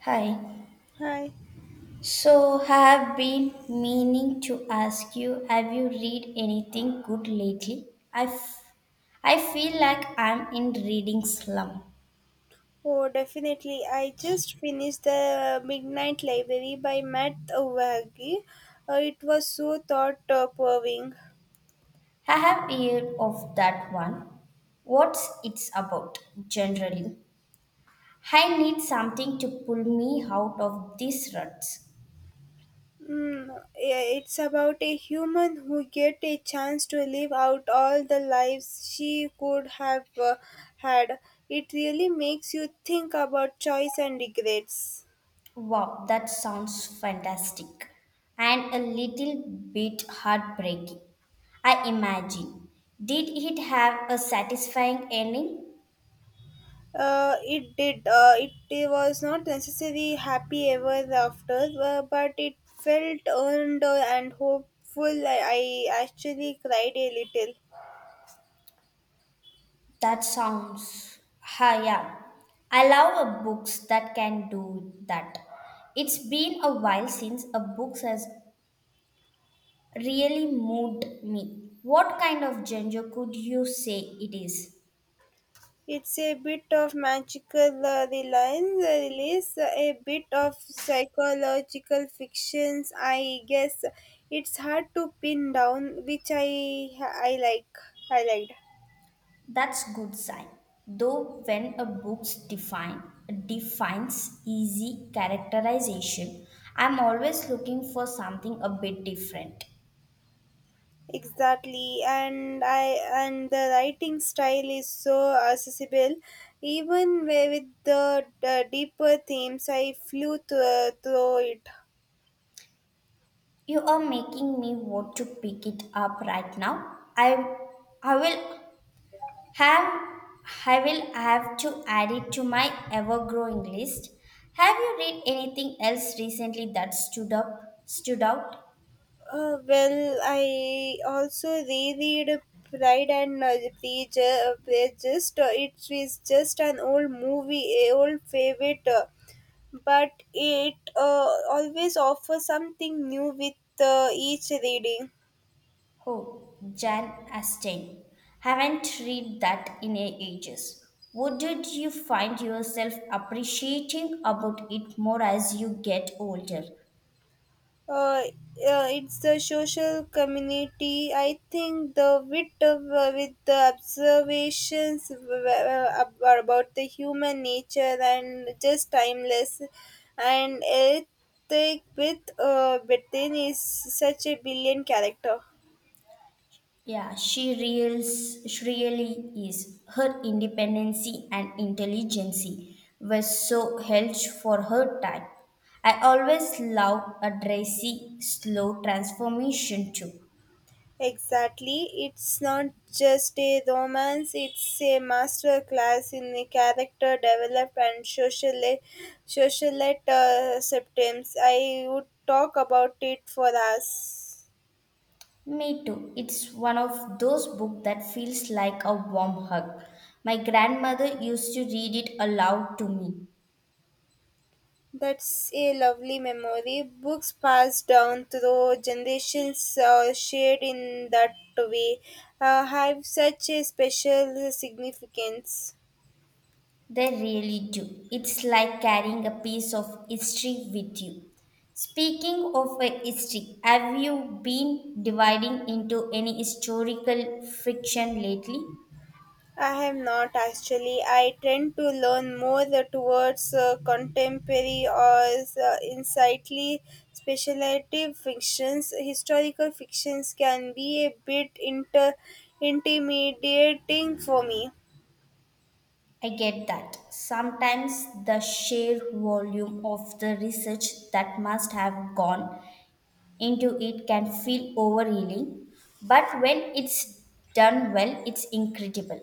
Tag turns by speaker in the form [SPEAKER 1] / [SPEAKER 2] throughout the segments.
[SPEAKER 1] Hi.
[SPEAKER 2] Hi.
[SPEAKER 1] So, I have been meaning to ask you, have you read anything good lately? I, f- I feel like I'm in reading slum.
[SPEAKER 2] Oh, definitely. I just finished the Midnight Library by Matt Waggy. It was so thought-provoking.
[SPEAKER 1] I have heard of that one. What's it's about generally? I need something to pull me out of these ruts.
[SPEAKER 2] Mm, yeah, it's about a human who get a chance to live out all the lives she could have had. It really makes you think about choice and regrets.
[SPEAKER 1] Wow, that sounds fantastic and a little bit heartbreaking, I imagine. Did it have a satisfying ending?
[SPEAKER 2] It did. It was not necessarily happy ever after, but it felt earned and hopeful. I actually cried a little.
[SPEAKER 1] That sounds. Yeah. I love a books that can do that. It's been a while since a book has really moved me. What kind of genre could you say it is?
[SPEAKER 2] It's a bit of magical reliance, release, a bit of psychological fictions. I guess it's hard to pin down, which I like. I liked.
[SPEAKER 1] That's good sign. Though when a book's defines easy characterization, I'm always looking for something a bit different.
[SPEAKER 2] Exactly. And I and the writing style is so accessible even with the deeper themes I flew through it.
[SPEAKER 1] You are making me want to pick it up right now. I will have I will have to add it to my ever growing list. Have you read anything else recently that stood out?
[SPEAKER 2] Well, I also reread Pride and Prejudice. It is just an old movie, a old favorite, but it always offers something new with each reading.
[SPEAKER 1] Oh, Jan Astain. Haven't read that in ages. What did you find yourself appreciating about it more as you get older?
[SPEAKER 2] Uh, uh, it's the social community. I think the wit of, with the observations about the human nature and just timeless and ethic, with Britain is such a brilliant character.
[SPEAKER 1] Yeah, she really is. Her independency and intelligence were so held for her time. I always love a dressy, slow transformation too.
[SPEAKER 2] Exactly. It's not just a romance, it's a master class in the character development and socialite symptoms. I would talk about it for us.
[SPEAKER 1] Me too. It's one of those books that feels like a warm hug. My grandmother used to read it aloud to me.
[SPEAKER 2] That's a lovely memory. Books passed down through generations are shared in that way have such a special significance.
[SPEAKER 1] They really do. It's like carrying a piece of history with you. Speaking of a history, have you been dividing into any historical fiction lately?
[SPEAKER 2] I have not actually. I tend to learn more towards contemporary or insightly speculative fictions. Historical fictions can be a bit intimidating for me.
[SPEAKER 1] I get that. Sometimes the sheer volume of the research that must have gone into it can feel overhealing, but when it's done well, it's incredible.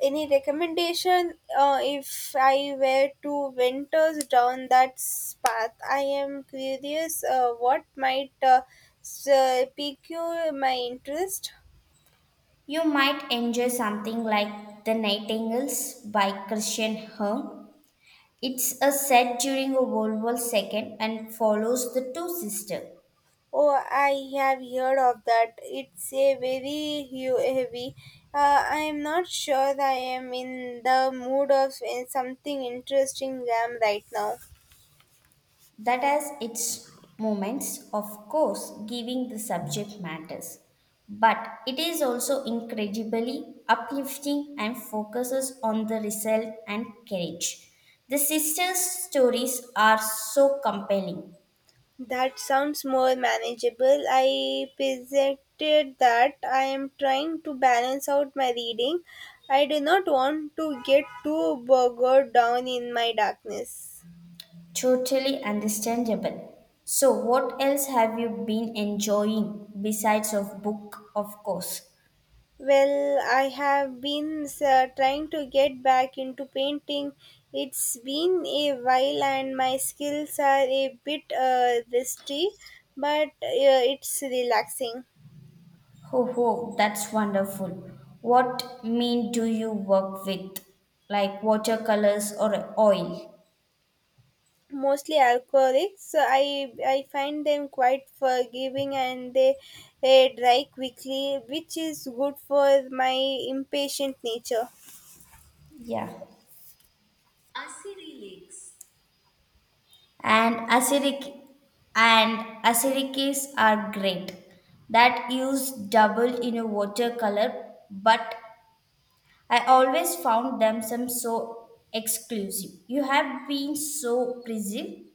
[SPEAKER 2] Any recommendation if I were to venture down that path? I am curious what might pique my interest.
[SPEAKER 1] You might enjoy something like The Nightingales by Christian Herm. It's a set during a World War II and follows the two sisters
[SPEAKER 2] Oh, I have heard of that. It's a very heavy. I am not sure I am in the mood of something interesting jam right now.
[SPEAKER 1] that has its moments, of course, giving the subject matters. But it is also incredibly uplifting and focuses on the result and courage. The sisters' stories are so compelling,
[SPEAKER 2] That sounds more manageable. I presented that I am trying to balance out my reading. I do not want to get too bogged down in my darkness.
[SPEAKER 1] totally understandable. So, what else have you been enjoying besides of book, of course?
[SPEAKER 2] Well, I have been trying to get back into painting. It's been a while and my skills are a bit rusty, but it's relaxing.
[SPEAKER 1] Oh, that's wonderful. What mean do you work with? Like watercolors or oil?
[SPEAKER 2] Mostly alcoholics, so I find them quite forgiving and they dry quickly, which is good for my impatient nature.
[SPEAKER 1] Yeah. And acrylics are great. That use double in a watercolor, but I always found them some so exclusive. You have been so preserved.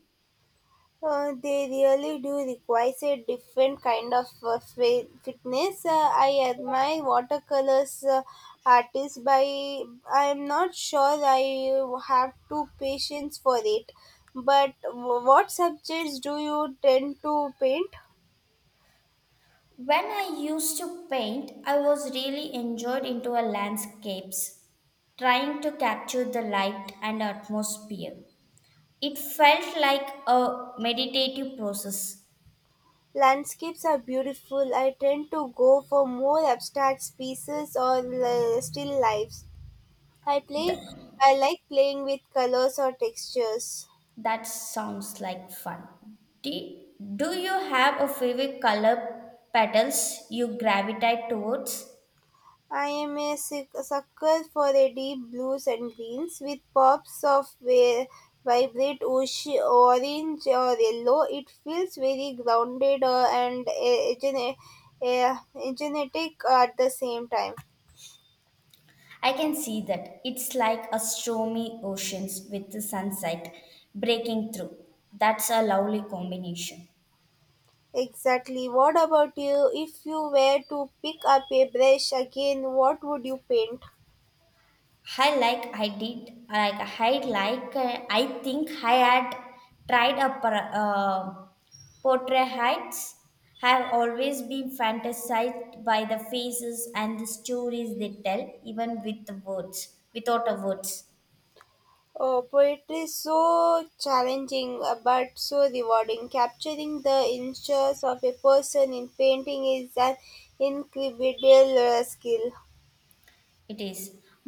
[SPEAKER 2] They really do require a different kind of fitness. I admire watercolors artists, but I am not sure I have too patience for it. But what subjects do you tend to paint?
[SPEAKER 1] When I used to paint, I was really enjoyed into a landscapes, trying to capture the light and atmosphere. It felt like a meditative process.
[SPEAKER 2] Landscapes are beautiful. I tend to go for more abstract pieces or still lives. I play.
[SPEAKER 1] Th-
[SPEAKER 2] I like playing with colors or textures.
[SPEAKER 1] that sounds like fun. Do, do you have a favorite color petals you gravitate towards?
[SPEAKER 2] I am a sucker for the deep blues and greens with pops of vibrant orange or yellow. It feels very grounded and genetic at the same time.
[SPEAKER 1] I can see that. It's like a stormy oceans with the sunset breaking through. That's a lovely combination.
[SPEAKER 2] Exactly. What about you? If you were to pick up a brush again, what would you paint?
[SPEAKER 1] I like I did like I think I had tried portrait heights have always been fantasized by the faces and the stories they tell, even with the words, without a words.
[SPEAKER 2] Oh, poetry is so challenging but so rewarding. Capturing the inches of a person in painting is an incredible skill,
[SPEAKER 1] It is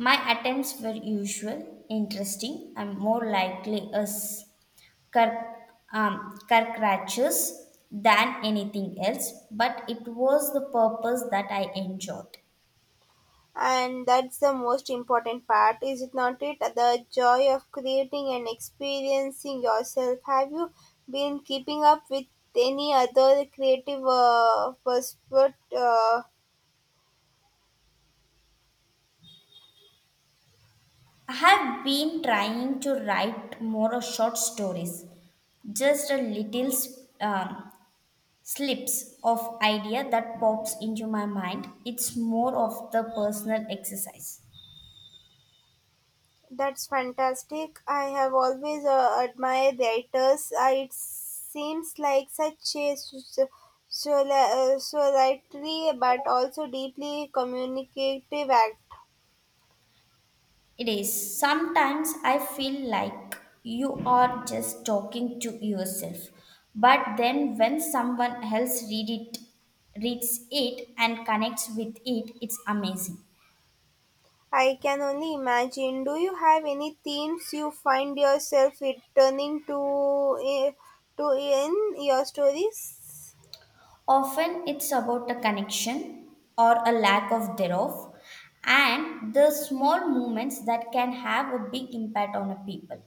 [SPEAKER 1] my attempts were usual interesting and more likely as cur- caricatures than anything else, but it was the purpose that I enjoyed.
[SPEAKER 2] and that's the most important part, is it not? It the joy of creating and experiencing yourself. Have you been keeping up with any other creative pursuit?
[SPEAKER 1] I have been trying to write more of short stories, just a little um, slips of idea that pops into my mind. It's more of the personal exercise.
[SPEAKER 2] That's fantastic. I have always admired writers. It seems like such a solitary but also deeply communicative act.
[SPEAKER 1] It is. Sometimes I feel like you are just talking to yourself, but then when someone else reads it and connects with it, it's amazing.
[SPEAKER 2] I can only imagine. Do you have any themes you find yourself returning uh, to in your stories?
[SPEAKER 1] Often it's about a connection or a lack of thereof, and the small movements that can have a big impact on a people.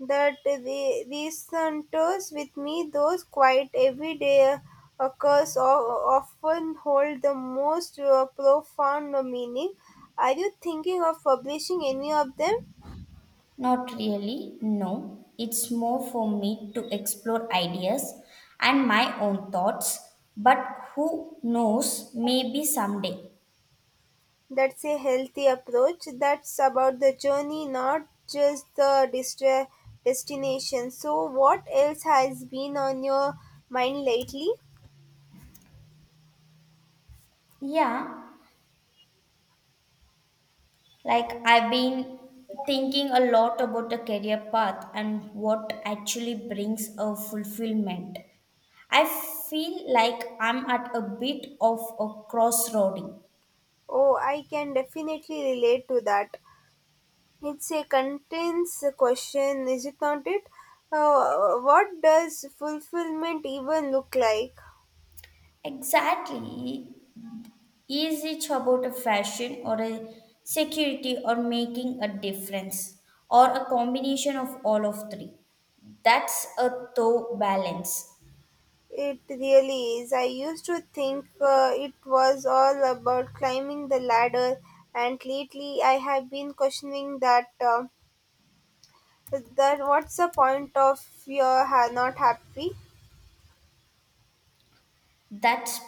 [SPEAKER 2] That the resonators with me, those quiet everyday occurs often hold the most profound meaning. Are you thinking of publishing any of them?
[SPEAKER 1] Not really, no. It's more for me to explore ideas and my own thoughts, but who knows, maybe someday.
[SPEAKER 2] That's a healthy approach. That's about the journey, not just the destination. So, what else has been on your mind lately?
[SPEAKER 1] Yeah, like, I've been thinking a lot about the career path and what actually brings a fulfillment. I feel like I'm at a bit of a crossroading.
[SPEAKER 2] Oh, I can definitely relate to that. It's a contains a question, is it not it? What does fulfillment even look like?
[SPEAKER 1] Exactly. Is it about a fashion or a security or making a difference or a combination of all of three? That's a tough balance.
[SPEAKER 2] It really is. I used to think it was all about climbing the ladder, and lately I have been questioning that. That what's the point of you're not happy?
[SPEAKER 1] That's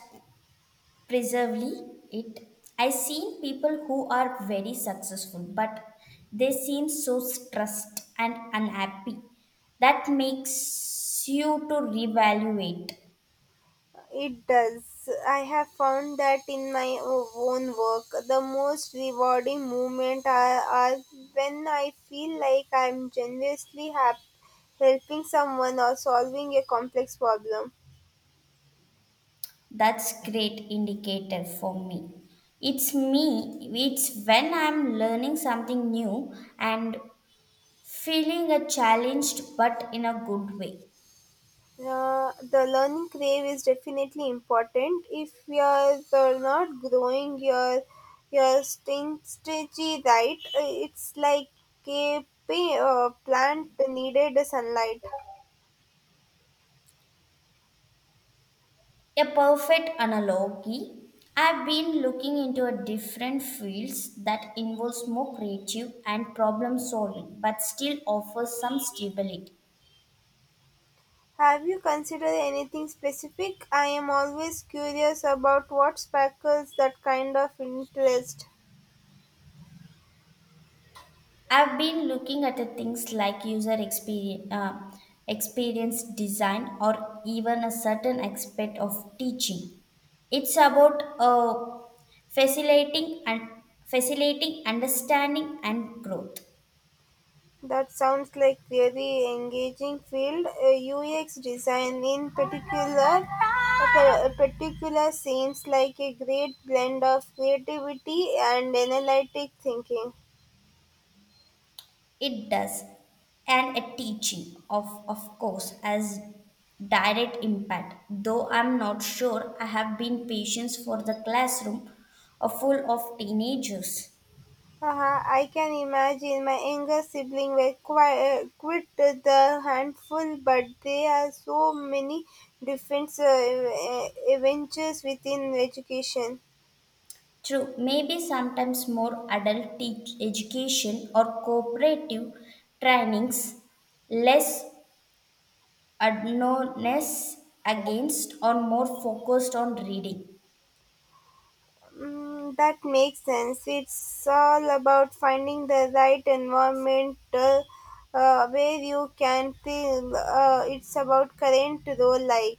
[SPEAKER 1] preservely it. I seen people who are very successful, but they seem so stressed and unhappy. That makes you to reevaluate.
[SPEAKER 2] It does. I have found that in my own work, the most rewarding moments are when I feel like I'm genuinely helping someone or solving a complex problem.
[SPEAKER 1] That's great indicator for me. it's me it's when I'm learning something new and feeling a challenged, but in a good way.
[SPEAKER 2] The learning crave is definitely important. If you're not growing your strategy right, it's like a plant needed sunlight.
[SPEAKER 1] A perfect analogy. I've been looking into a different fields that involves more creative and problem solving, but still offers some stability.
[SPEAKER 2] Have you considered anything specific? I am always curious about what sparkles that kind of interest.
[SPEAKER 1] I've been looking at the things like experience design or even a certain aspect of teaching. It's about facilitating and facilitating understanding and growth.
[SPEAKER 2] That sounds like really engaging field. UX design in particular, okay, a particular seems like a great blend of creativity and analytic thinking.
[SPEAKER 1] It does. And a teaching of course as direct impact. Though I'm not sure I have been patience for the classroom a full of teenagers.
[SPEAKER 2] Uh-huh, I can imagine my younger sibling were quit the handful, but there are so many different adventures within education.
[SPEAKER 1] True, maybe sometimes more adult teach education or cooperative trainings, less adnones against or more focused on reading.
[SPEAKER 2] Mm, that makes sense. It's all about finding the right environment where you can feel it's about current role like.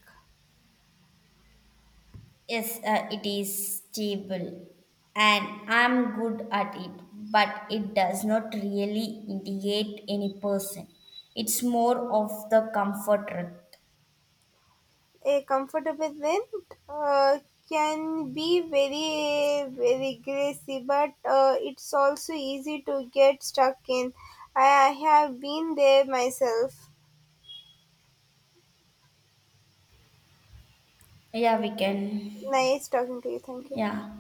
[SPEAKER 1] Yes, it is stable and I'm good at it, but it does not really indicate any person. It's more of the comfort route.
[SPEAKER 2] A comfortable wind uh, can be very very greasy but it's also easy to get stuck in. I have been there myself.
[SPEAKER 1] Yeah, we can.
[SPEAKER 2] Nice talking to you, thank you.
[SPEAKER 1] Yeah.